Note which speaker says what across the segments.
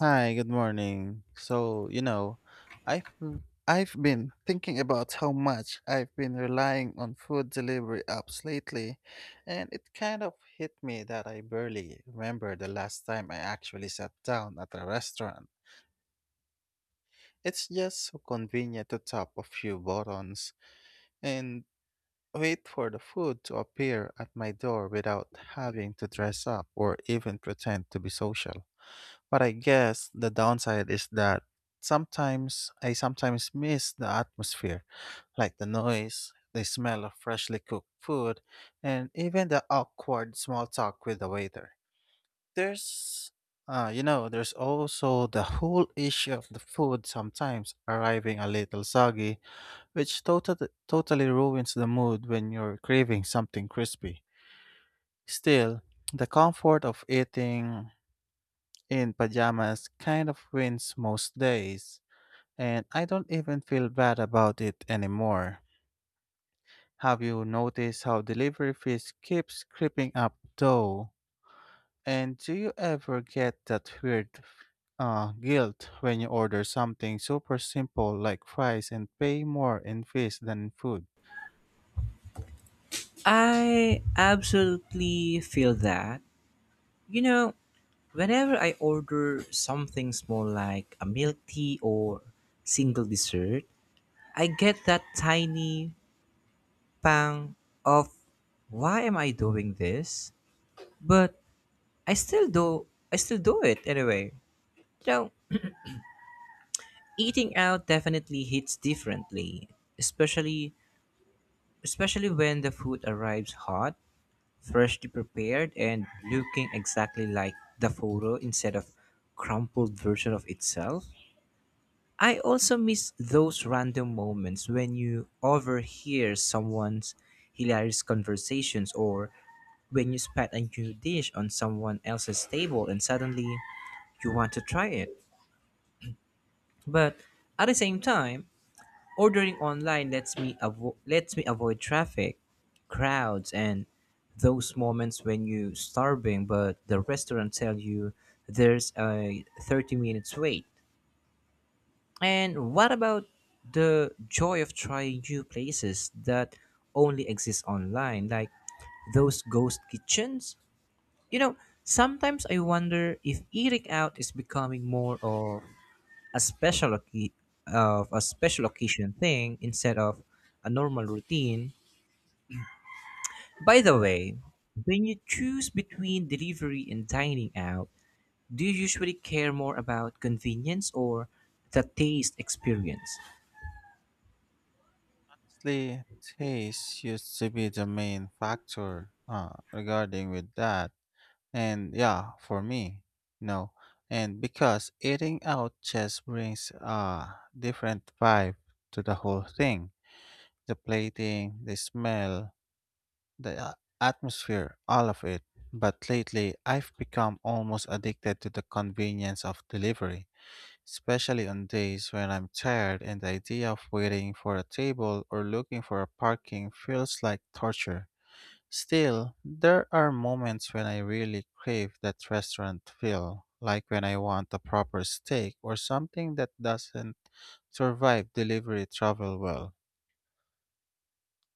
Speaker 1: Hi, good morning. I've I've been thinking about how much I've been relying on food delivery apps lately, and it kind of hit me that I barely remember the last time I actually sat down at a restaurant. It's just so convenient to tap a few buttons and wait for the food to appear at my door without having to dress up or even pretend to be social. But I guess the downside is that sometimes I sometimes miss the atmosphere, like the noise, the smell of freshly cooked food, and even the awkward small talk with the waiter. There's there's also the whole issue of the food sometimes arriving a little soggy, which totally ruins the mood when you're craving something crispy. Still, the comfort of eating in pajamas kind of wins most days, and I don't even feel bad about it anymore. Have you noticed how delivery fees keeps creeping up though? And do you ever get that weird guilt when you order something super simple like fries and pay more in fees than in food?
Speaker 2: I absolutely feel that. You know, whenever I order something small like a milk tea or single dessert, I get that tiny pang of why am I doing this? But I still do I still do it anyway. You know, eating out definitely hits differently, especially especially when the food arrives hot, freshly prepared and looking exactly like the photo instead of crumpled version of itself. I also miss those random moments when you overhear someone's hilarious conversations or when you spot a new dish on someone else's table and suddenly you want to try it. But at the same time, ordering online lets me lets me avoid traffic, crowds, and those moments when you're starving but the restaurant tell you there's a 30 minutes wait. And what about the joy of trying new places that only exist online, like those ghost kitchens? You know, sometimes I wonder if eating out is becoming more of a special oc- of a special occasion thing instead of a normal routine. By the way, when you choose between delivery and dining out, do you usually care more about convenience or the taste experience?
Speaker 1: Honestly, taste used to be the main factor regarding with that. And yeah, for me, no. And because eating out just brings a different vibe to the whole thing, the plating, the smell, the atmosphere, all of it. But lately, I've become almost addicted to the convenience of delivery, especially on days when I'm tired and the idea of waiting for a table or looking for a parking feels like torture. Still, there are moments when I really crave that restaurant feel, like when I want a proper steak or something that doesn't survive delivery travel well.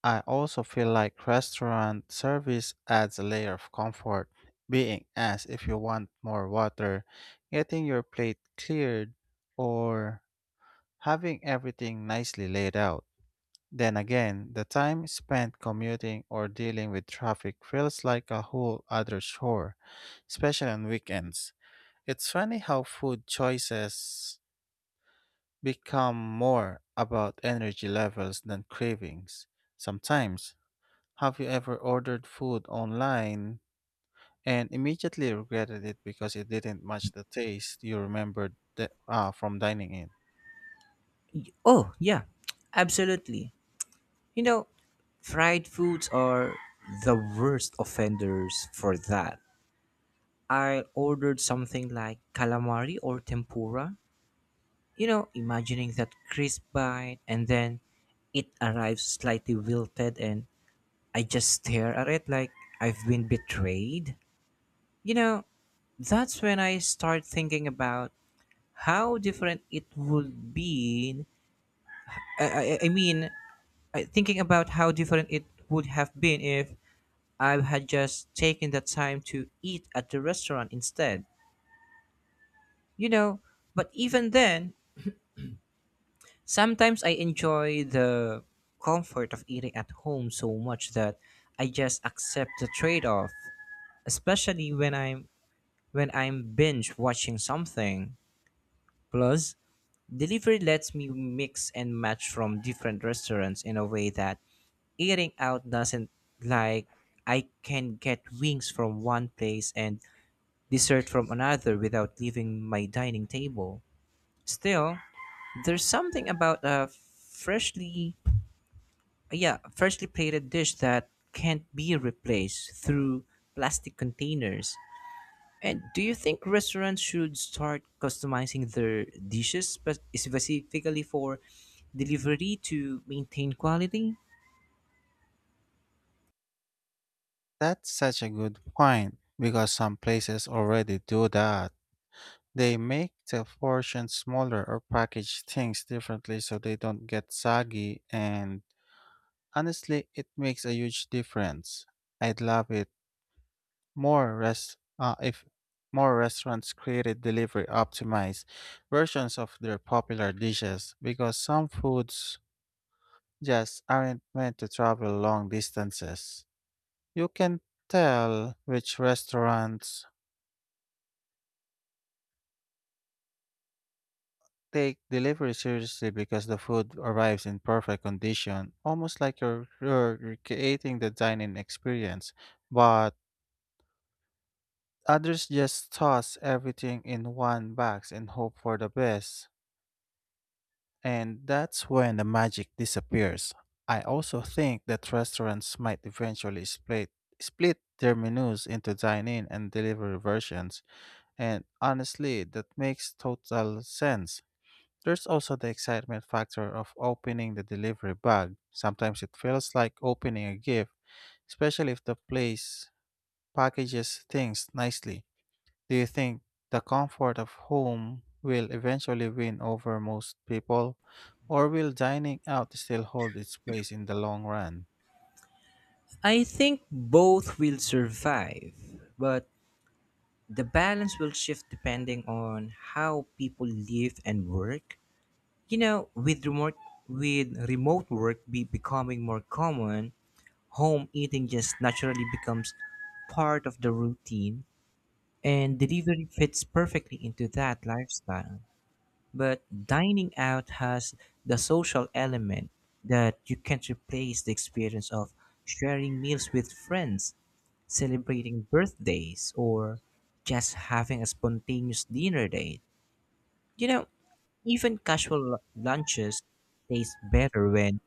Speaker 1: I also feel like restaurant service adds a layer of comfort, being asked if you want more water, getting your plate cleared, or having everything nicely laid out. Then again, the time spent commuting or dealing with traffic feels like a whole other chore, especially on weekends. It's funny how food choices become more about energy levels than cravings. Sometimes, have you ever ordered food online and immediately regretted it because it didn't match the taste you remembered from dining in?
Speaker 2: Oh, yeah, absolutely. You know, fried foods are the worst offenders for that. I ordered something like calamari or tempura. Imagining that crisp bite and then it arrives slightly wilted and I just stare at it like I've been betrayed. You know, that's when I start thinking about how different it would be. I, I, I mean, thinking about how different it would have been if I had just taken the time to eat at the restaurant instead. You know, but even then, sometimes I enjoy the comfort of eating at home so much that I just accept the trade-off, especially when I'm binge watching something. Plus, delivery lets me mix and match from different restaurants in a way that eating out doesn't, like I can get wings from one place and dessert from another without leaving my dining table. Still, there's something about a freshly yeah, freshly plated dish that can't be replaced through plastic containers. And do you think restaurants should start customizing their dishes but specifically for delivery to maintain quality?
Speaker 1: That's such a good point because some places already do that. They make the portions smaller or package things differently so they don't get soggy, and honestly, it makes a huge difference. I'd love it if more restaurants created delivery optimized versions of their popular dishes because some foods just aren't meant to travel long distances. You can tell which restaurants take delivery seriously because the food arrives in perfect condition, almost like you're recreating the dining experience. But others just toss everything in one box and hope for the best. And that's when the magic disappears. I also think that restaurants might eventually split their menus into dine-in and delivery versions, and honestly, that makes total sense. There's also the excitement factor of opening the delivery bag. Sometimes it feels like opening a gift, especially if the place packages things nicely. Do you think the comfort of home will eventually win over most people, or will dining out still hold its place in the long run?
Speaker 2: I think both will survive, but the balance will shift depending on how people live and work. You know, with remote with remote work be becoming more common, home eating just naturally becomes part of the routine, and delivery fits perfectly into that lifestyle. But dining out has the social element that you can't replace, the experience of sharing meals with friends, celebrating birthdays, or just having a spontaneous dinner date. You know, even casual lunches taste better when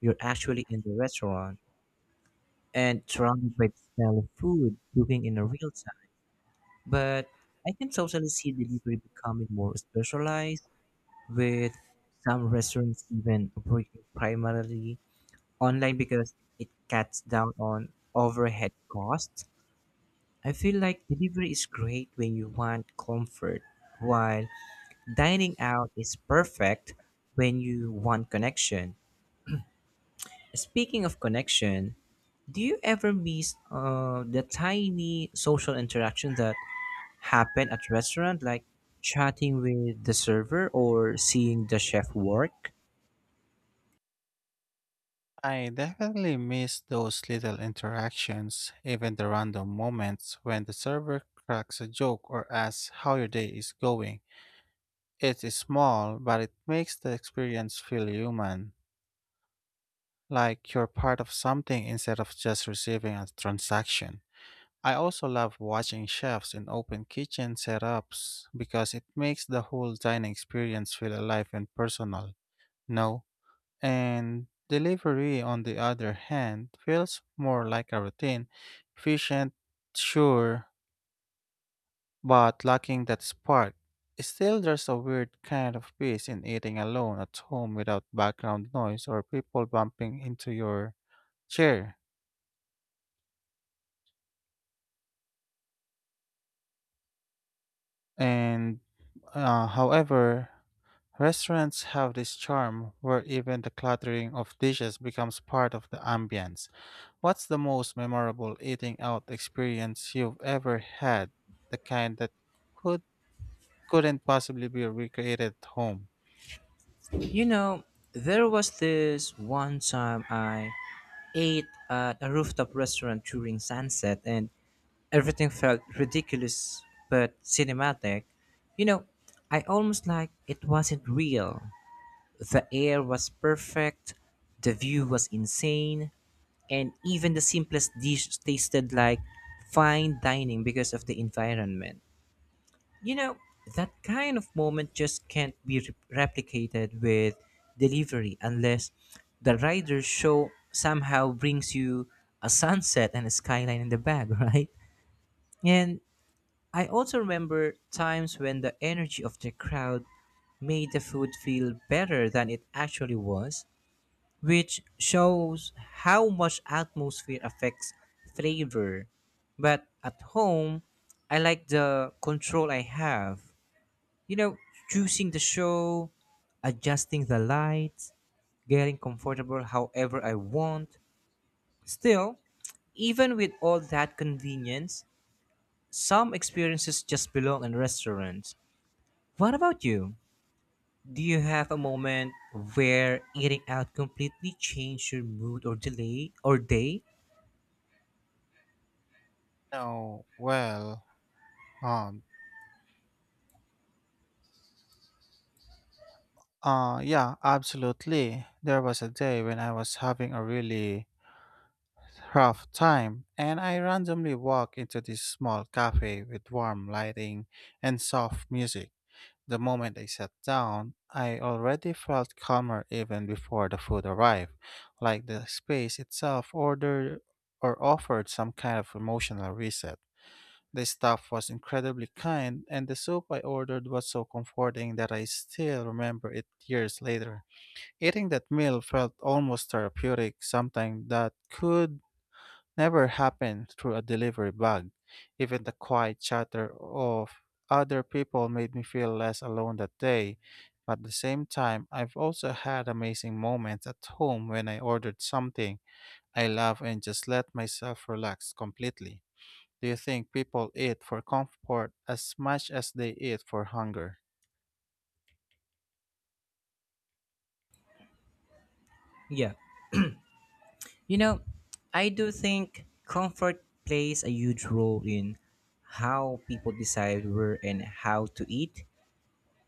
Speaker 2: you're actually in the restaurant and surrounded by the smell of food cooking in a real time. But I can totally see delivery becoming more specialized, with some restaurants even operating primarily online because it cuts down on overhead costs. I feel like delivery is great when you want comfort, while dining out is perfect when you want connection. Speaking of connection, do you ever miss the tiny social interaction that happen at restaurant, like chatting with the server or seeing the chef work?
Speaker 1: I definitely miss those little interactions, even the random moments when the server cracks a joke or asks how your day is going. It is small, but it makes the experience feel human, like you're part of something instead of just receiving a transaction. I also love watching chefs in open kitchen setups because it makes the whole dining experience feel alive and personal. No, and delivery on the other hand feels more like a routine, efficient, sure, but lacking that spark. Still, there's a weird kind of peace in eating alone at home without background noise or people bumping into your chair. And however, restaurants have this charm where even the cluttering of dishes becomes part of the ambience. What's the most memorable eating out experience you've ever had? The kind that could couldn't possibly be recreated at home.
Speaker 2: You know, there was this one time I ate at a rooftop restaurant during sunset, and everything felt ridiculous but cinematic. You know, I almost like it wasn't real. The air was perfect, the view was insane, and even the simplest dish tasted like fine dining because of the environment. You know, that kind of moment just can't be re- replicated with delivery unless the rider show somehow brings you a sunset and a skyline in the bag, right? And I also remember times when the energy of the crowd made the food feel better than it actually was, which shows how much atmosphere affects flavor. But at home, I like the control I have. You know, choosing the show, adjusting the lights, getting comfortable however I want. Still, even with all that convenience, some experiences just belong in restaurants. What about you? Do you have a moment where eating out completely changed your mood or delay or day?
Speaker 1: No, well, um, yeah, absolutely. There was a day when I was having a really rough time, and I randomly walked into this small cafe with warm lighting and soft music. The moment I sat down, I already felt calmer even before the food arrived, like the space itself ordered or offered some kind of emotional reset. The staff was incredibly kind, and the soup I ordered was so comforting that I still remember it years later. Eating that meal felt almost therapeutic, something that could never happen through a delivery bag. Even the quiet chatter of other people made me feel less alone that day. But at the same time, I've also had amazing moments at home when I ordered something I love and just let myself relax completely. Do you think people eat for comfort as much as they eat for hunger?
Speaker 2: Yeah. You know, I do think comfort plays a huge role in how people decide where and how to eat,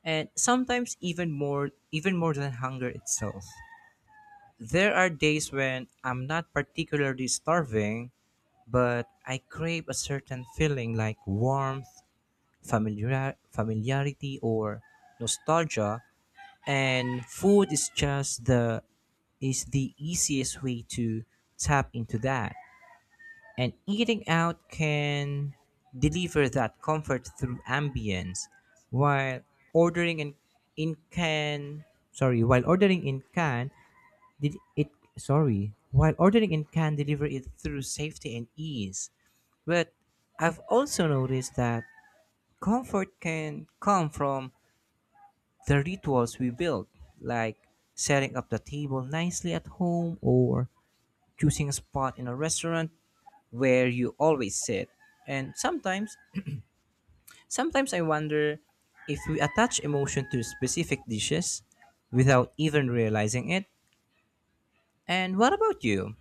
Speaker 2: and sometimes even more than hunger itself. There are days when I'm not particularly starving, but I crave a certain feeling like warmth, familiarity or nostalgia, and food is just the is the easiest way to tap into that. And eating out can deliver that comfort through ambience, while ordering in can sorry, while ordering in can did it sorry, while ordering in can deliver it through safety and ease. But I've also noticed that comfort can come from the rituals we build, like setting up the table nicely at home or choosing a spot in a restaurant where you always sit. And sometimes I wonder if we attach emotion to specific dishes without even realizing it. And what about you?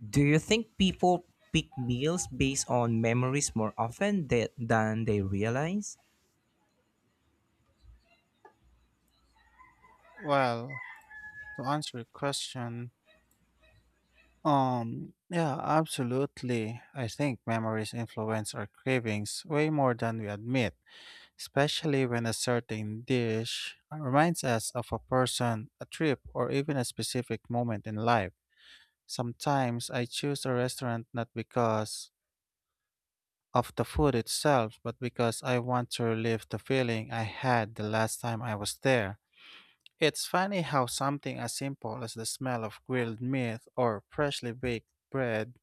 Speaker 2: Do you think people pick meals based on memories more often that, than they realize?
Speaker 1: Well, to answer your question, yeah, absolutely. I think memories influence our cravings way more than we admit, especially when a certain dish reminds us of a person, a trip, or even a specific moment in life. Sometimes I choose a restaurant not because of the food itself, but because I want to relive the feeling I had the last time I was there. It's funny how something as simple as the smell of grilled meat or freshly baked bread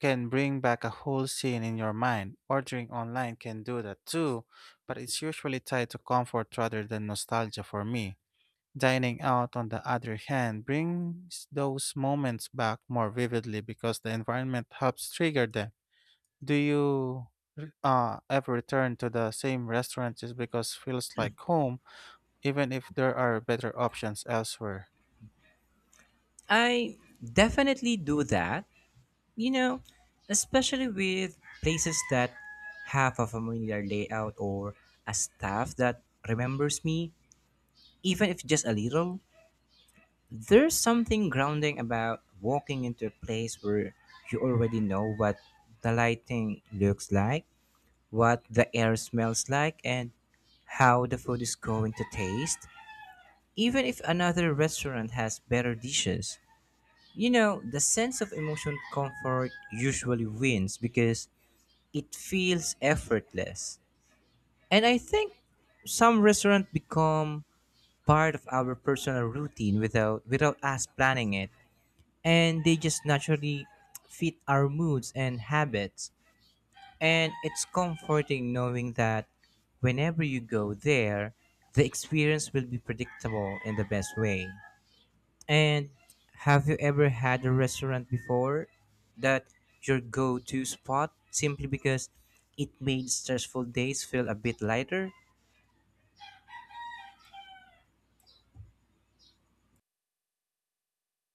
Speaker 1: can bring back a whole scene in your mind. Ordering online can do that too, but it's usually tied to comfort rather than nostalgia for me. Dining out, on the other hand, brings those moments back more vividly because the environment helps trigger them. Do you ever return to the same restaurant just because feels like home, even if there are better options elsewhere?
Speaker 2: I definitely do that, you know, especially with places that have a familiar layout or a staff that remembers me, even if just a little. There's something grounding about walking into a place where you already know what the lighting looks like, what the air smells like, and how the food is going to taste, even if another restaurant has better dishes. The sense of emotional comfort usually wins because it feels effortless. And I think some restaurants become part of our personal routine without us planning it, and they just naturally fit our moods and habits. And it's comforting knowing that whenever you go there, the experience will be predictable in the best way. And have you ever had a restaurant before that your go to spot simply because it made stressful days feel a bit lighter?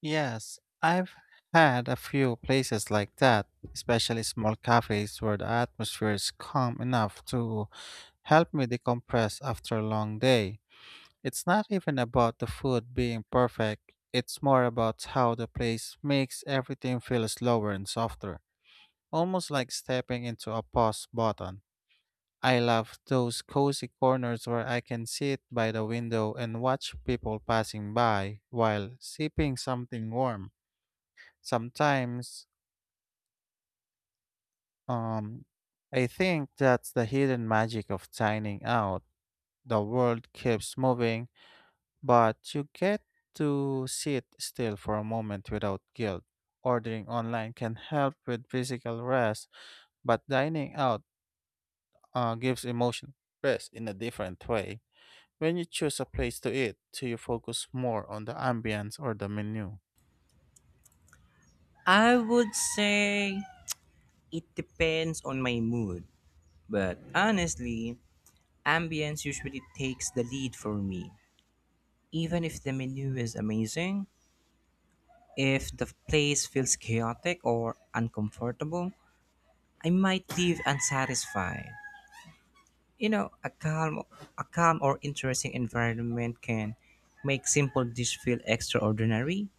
Speaker 1: Yes, I've had a few places like that, especially small cafes where the atmosphere is calm enough to help me decompress after a long day. It's not even about the food being perfect, it's more about how the place makes everything feel slower and softer, almost like stepping into a pause button. I love those cozy corners where I can sit by the window and watch people passing by while sipping something warm. Sometimes, um, I think that's the hidden magic of dining out. The world keeps moving, but you get to sit still for a moment without guilt. Ordering online can help with physical rest, but dining out gives emotional rest in a different way. When you choose a place to eat, do you focus more on the ambience or the menu?
Speaker 2: I would say it depends on my mood. But honestly, ambience usually takes the lead for me. Even if the menu is amazing, if the place feels chaotic or uncomfortable, I might leave unsatisfied. You know, a calm, a calm or interesting environment can make simple dish feel extraordinary.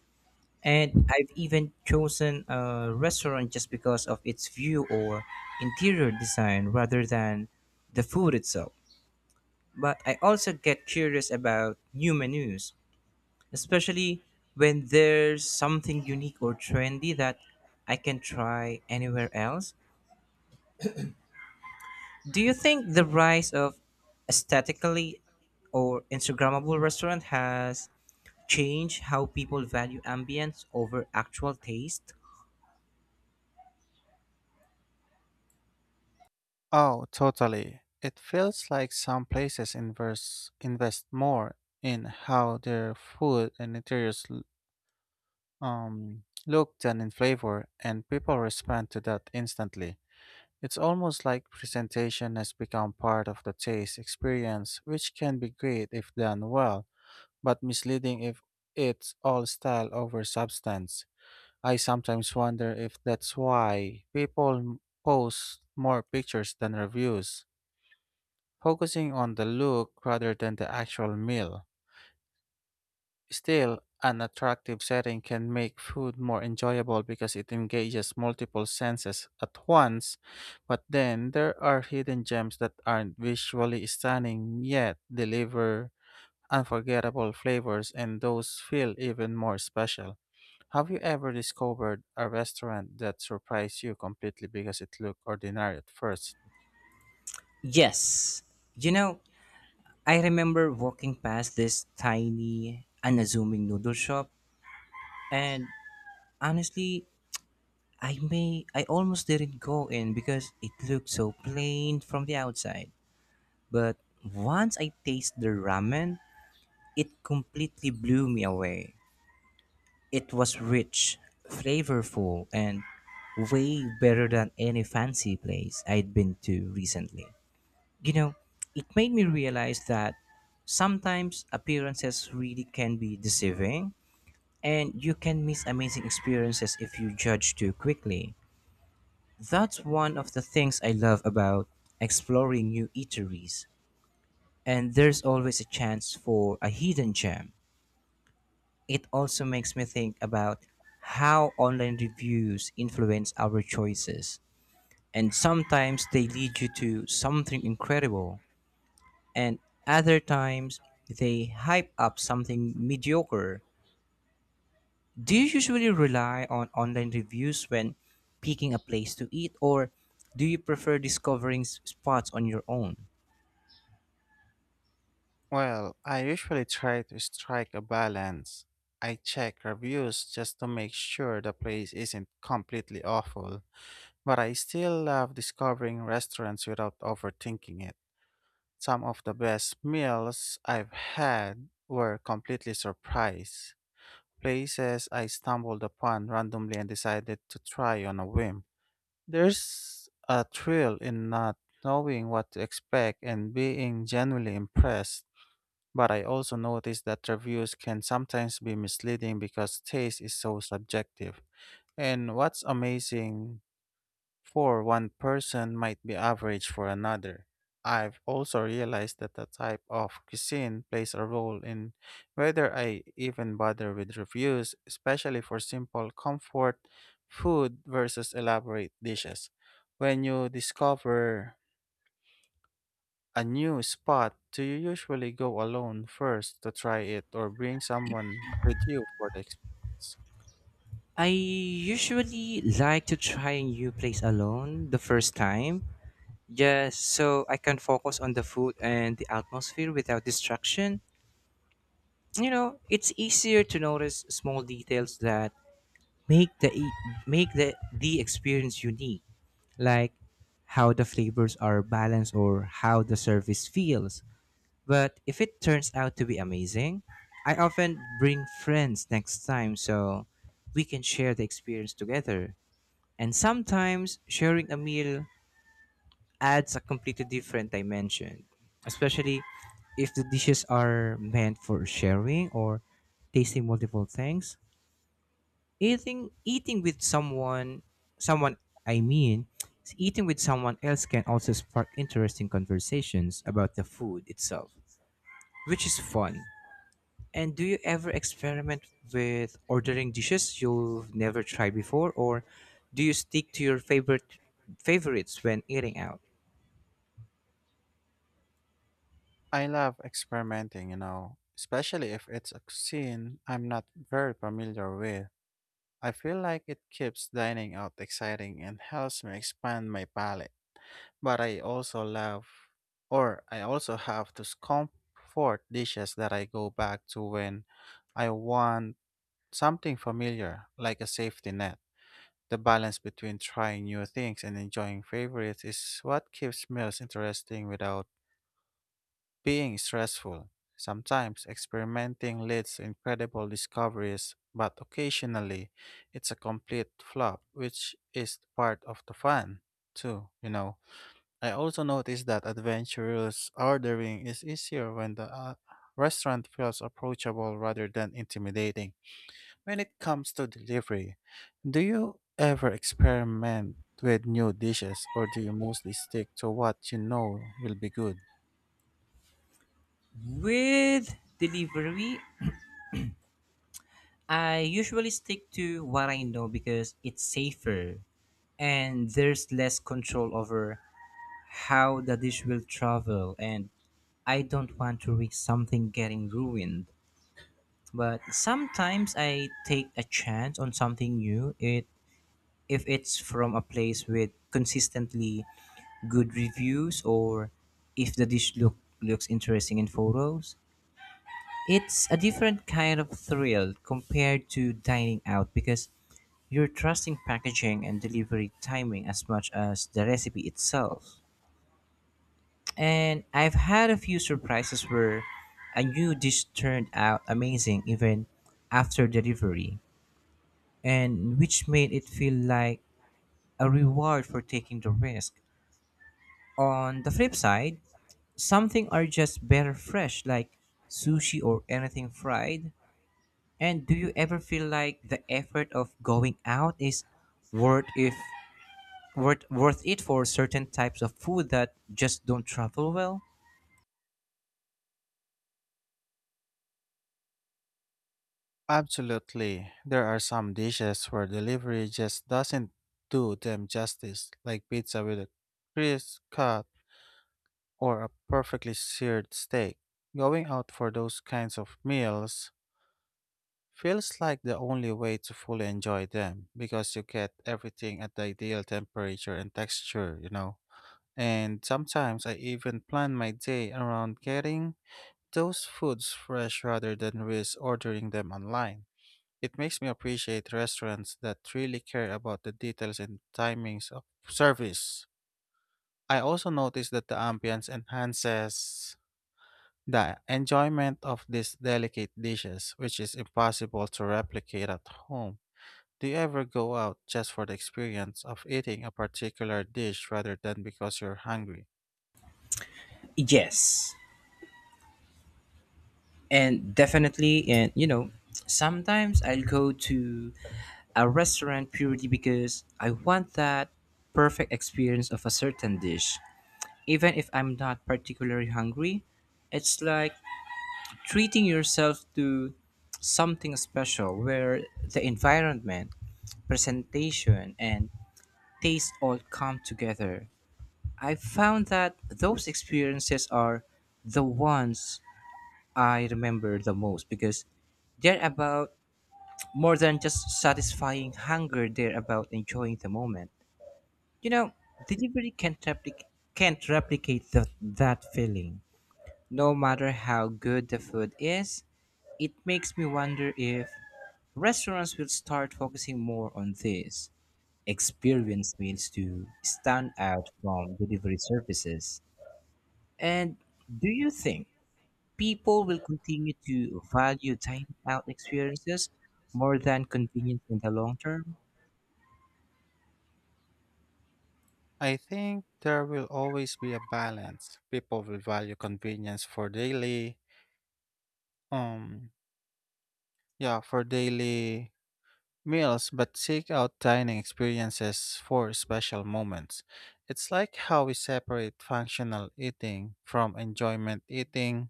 Speaker 2: And I've even chosen a restaurant just because of its view or interior design rather than the food itself. But I also get curious about new menus, especially when there's something unique or trendy that I can try anywhere else. Do you think the rise of aesthetically or Instagrammable restaurant has changed how people value ambience over actual taste?
Speaker 1: Oh, totally. It feels like some places invest more in how their food and interiors look than in flavor, and people respond to that instantly. It's almost like presentation has become part of the taste experience, which can be great if done well, but misleading if it's all style over substance. I sometimes wonder if that's why people post more pictures than reviews, focusing on the look rather than the actual meal. Still, an attractive setting can make food more enjoyable because it engages multiple senses at once, but then there are hidden gems that aren't visually stunning yet deliver unforgettable flavors, and those feel even more special. Have you ever discovered a restaurant that surprised you completely because it looked ordinary at first?
Speaker 2: Yes. You know, I remember walking past this tiny, unassuming noodle shop and honestly, I almost didn't go in because it looked so plain from the outside. But once I tasted the ramen, it completely blew me away. It was rich, flavorful, and way better than any fancy place I'd been to recently. You know, it made me realize that sometimes appearances really can be deceiving, and you can miss amazing experiences if you judge too quickly. That's one of the things I love about exploring new eateries, and there's always a chance for a hidden gem. It also makes me think about how online reviews influence our choices. And sometimes they lead you to something incredible, and other times they hype up something mediocre. Do you usually rely on online reviews when picking a place to eat, or do you prefer discovering spots on your own?
Speaker 1: Well, I usually try to strike a balance. I check reviews just to make sure the place isn't completely awful, but I still love discovering restaurants without overthinking it. Some of the best meals I've had were completely surprise places I stumbled upon randomly and decided to try on a whim. There's a thrill in not knowing what to expect and being genuinely impressed. But I also noticed that reviews can sometimes be misleading because taste is so subjective. And what's amazing for one person might be average for another. I've also realized that the type of cuisine plays a role in whether I even bother with reviews, especially for simple comfort food versus elaborate dishes. When you discover a new spot, do you usually go alone first to try it or bring someone with you for the ex-
Speaker 2: I usually like to try a new place alone the first time. Just so I can focus on the food and the atmosphere without distraction. It's easier to notice small details that make the e- make the experience unique, like how the flavors are balanced or how the service feels. But if it turns out to be amazing, I often bring friends next time so we can share the experience together. And sometimes sharing a meal adds a completely different dimension, especially if the dishes are meant for sharing or tasting multiple things. Eating eating with someone someone I mean eating with someone else can also spark interesting conversations about the food itself, which is fun. And do you ever experiment with ordering dishes you've never tried before, or do you stick to your favorites when eating out?
Speaker 1: I love experimenting, you know, especially if it's a cuisine I'm not very familiar with. I feel like it keeps dining out exciting and helps me expand my palate. But I also love, or I also have those comfort dishes that I go back to when I want something familiar, like a safety net. The balance between trying new things and enjoying favorites is what keeps meals interesting without being stressful. Sometimes experimenting leads to incredible discoveries, but occasionally it's a complete flop, which is part of the fun, too, you know. I also noticed that adventurous ordering is easier when the restaurant feels approachable rather than intimidating. When it comes to delivery, do you ever experiment with new dishes or do you mostly stick to what you know will be good?
Speaker 2: With delivery, I usually stick to what I know because it's safer and there's less control over how the dish will travel and I don't want to risk something getting ruined. But sometimes I take a chance on something new. It, if it's from a place with consistently good reviews or if the dish look looks interesting in photos, it's a different kind of thrill compared to dining out because you're trusting packaging and delivery timing as much as the recipe itself, and I've had a few surprises where a new dish turned out amazing even after delivery, and which made it feel like a reward for taking the risk. On the flip side, some things are just better fresh, like sushi or anything fried. And do you ever feel like the effort of going out is worth if worth it for certain types of food that just don't travel well?
Speaker 1: Absolutely. There are some dishes where delivery just doesn't do them justice, like pizza with a crisp cut or a perfectly seared steak. Going out for those kinds of meals feels like the only way to fully enjoy them because you get everything at the ideal temperature and texture, you know. And sometimes I even plan my day around getting those foods fresh rather than risk ordering them online. It makes me appreciate restaurants that really care about the details and timings of service. I also notice that the ambience enhances the enjoyment of these delicate dishes, which is impossible to replicate at home. Do you ever go out just for the experience of eating a particular dish rather than because you're hungry?
Speaker 2: Yes, and definitely, and sometimes I'll go to a restaurant purely because I want that perfect experience of a certain dish. Even if I'm not particularly hungry, it's like treating yourself to something special where the environment, presentation, and taste all come together. I found that those experiences are the ones I remember the most because they're about more than just satisfying hunger, they're about enjoying the moment. You know, delivery can't, replic- can't replicate that feeling. No matter how good the food is, it makes me wonder if restaurants will start focusing more on this experience meals to stand out from delivery services. And do you think people will continue to value dining out experiences more than convenience in the long term?
Speaker 1: I think there will always be a balance. People will value convenience for um, daily meals, but seek out dining experiences for special moments. It's like how we separate functional eating from enjoyment eating.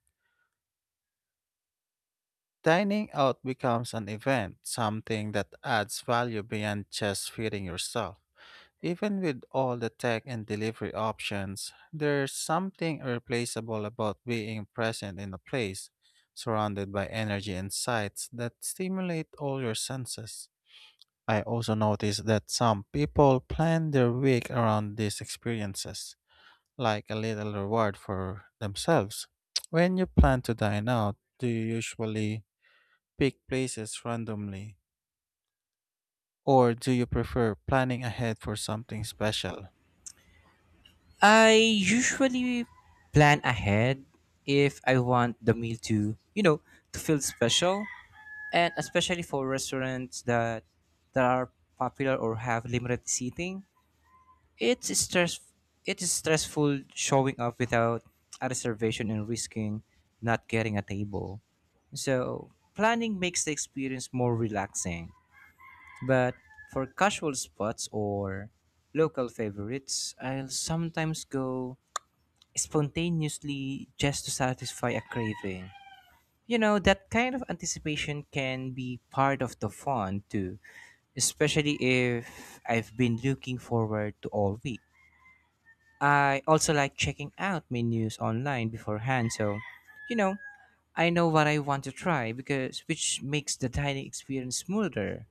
Speaker 1: Dining out becomes an event, something that adds value beyond just feeding yourself. Even with all the tech and delivery options, there's something irreplaceable about being present in a place, surrounded by energy and sights that stimulate all your senses. I also noticed that some people plan their week around these experiences, like a little reward for themselves. When you plan to dine out, do you usually pick places randomly, or do you prefer planning ahead for something special?
Speaker 2: I usually plan ahead if I want the meal to, to feel special, and especially for restaurants that are popular or have limited seating. it's stress it is stressful showing up without a reservation and risking not getting a table, so planning makes the experience more relaxing. But for casual spots or local favorites, I'll sometimes go spontaneously just to satisfy a craving. That kind of anticipation can be part of the fun too, especially if I've been looking forward to all week. I also like checking out menus online beforehand, so you know, I know what I want to try because which makes the dining experience smoother.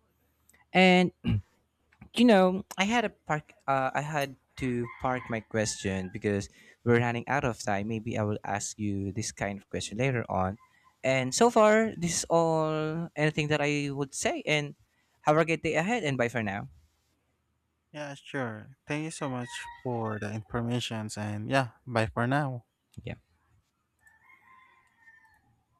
Speaker 2: And I had to park my question because we're running out of time. Maybe I will ask you this kind of question later on. And so far, this is all anything that I would say, and have a great day ahead and bye for now.
Speaker 1: Yeah, sure. Thank you so much for the informations and yeah, bye for now.
Speaker 2: Yeah.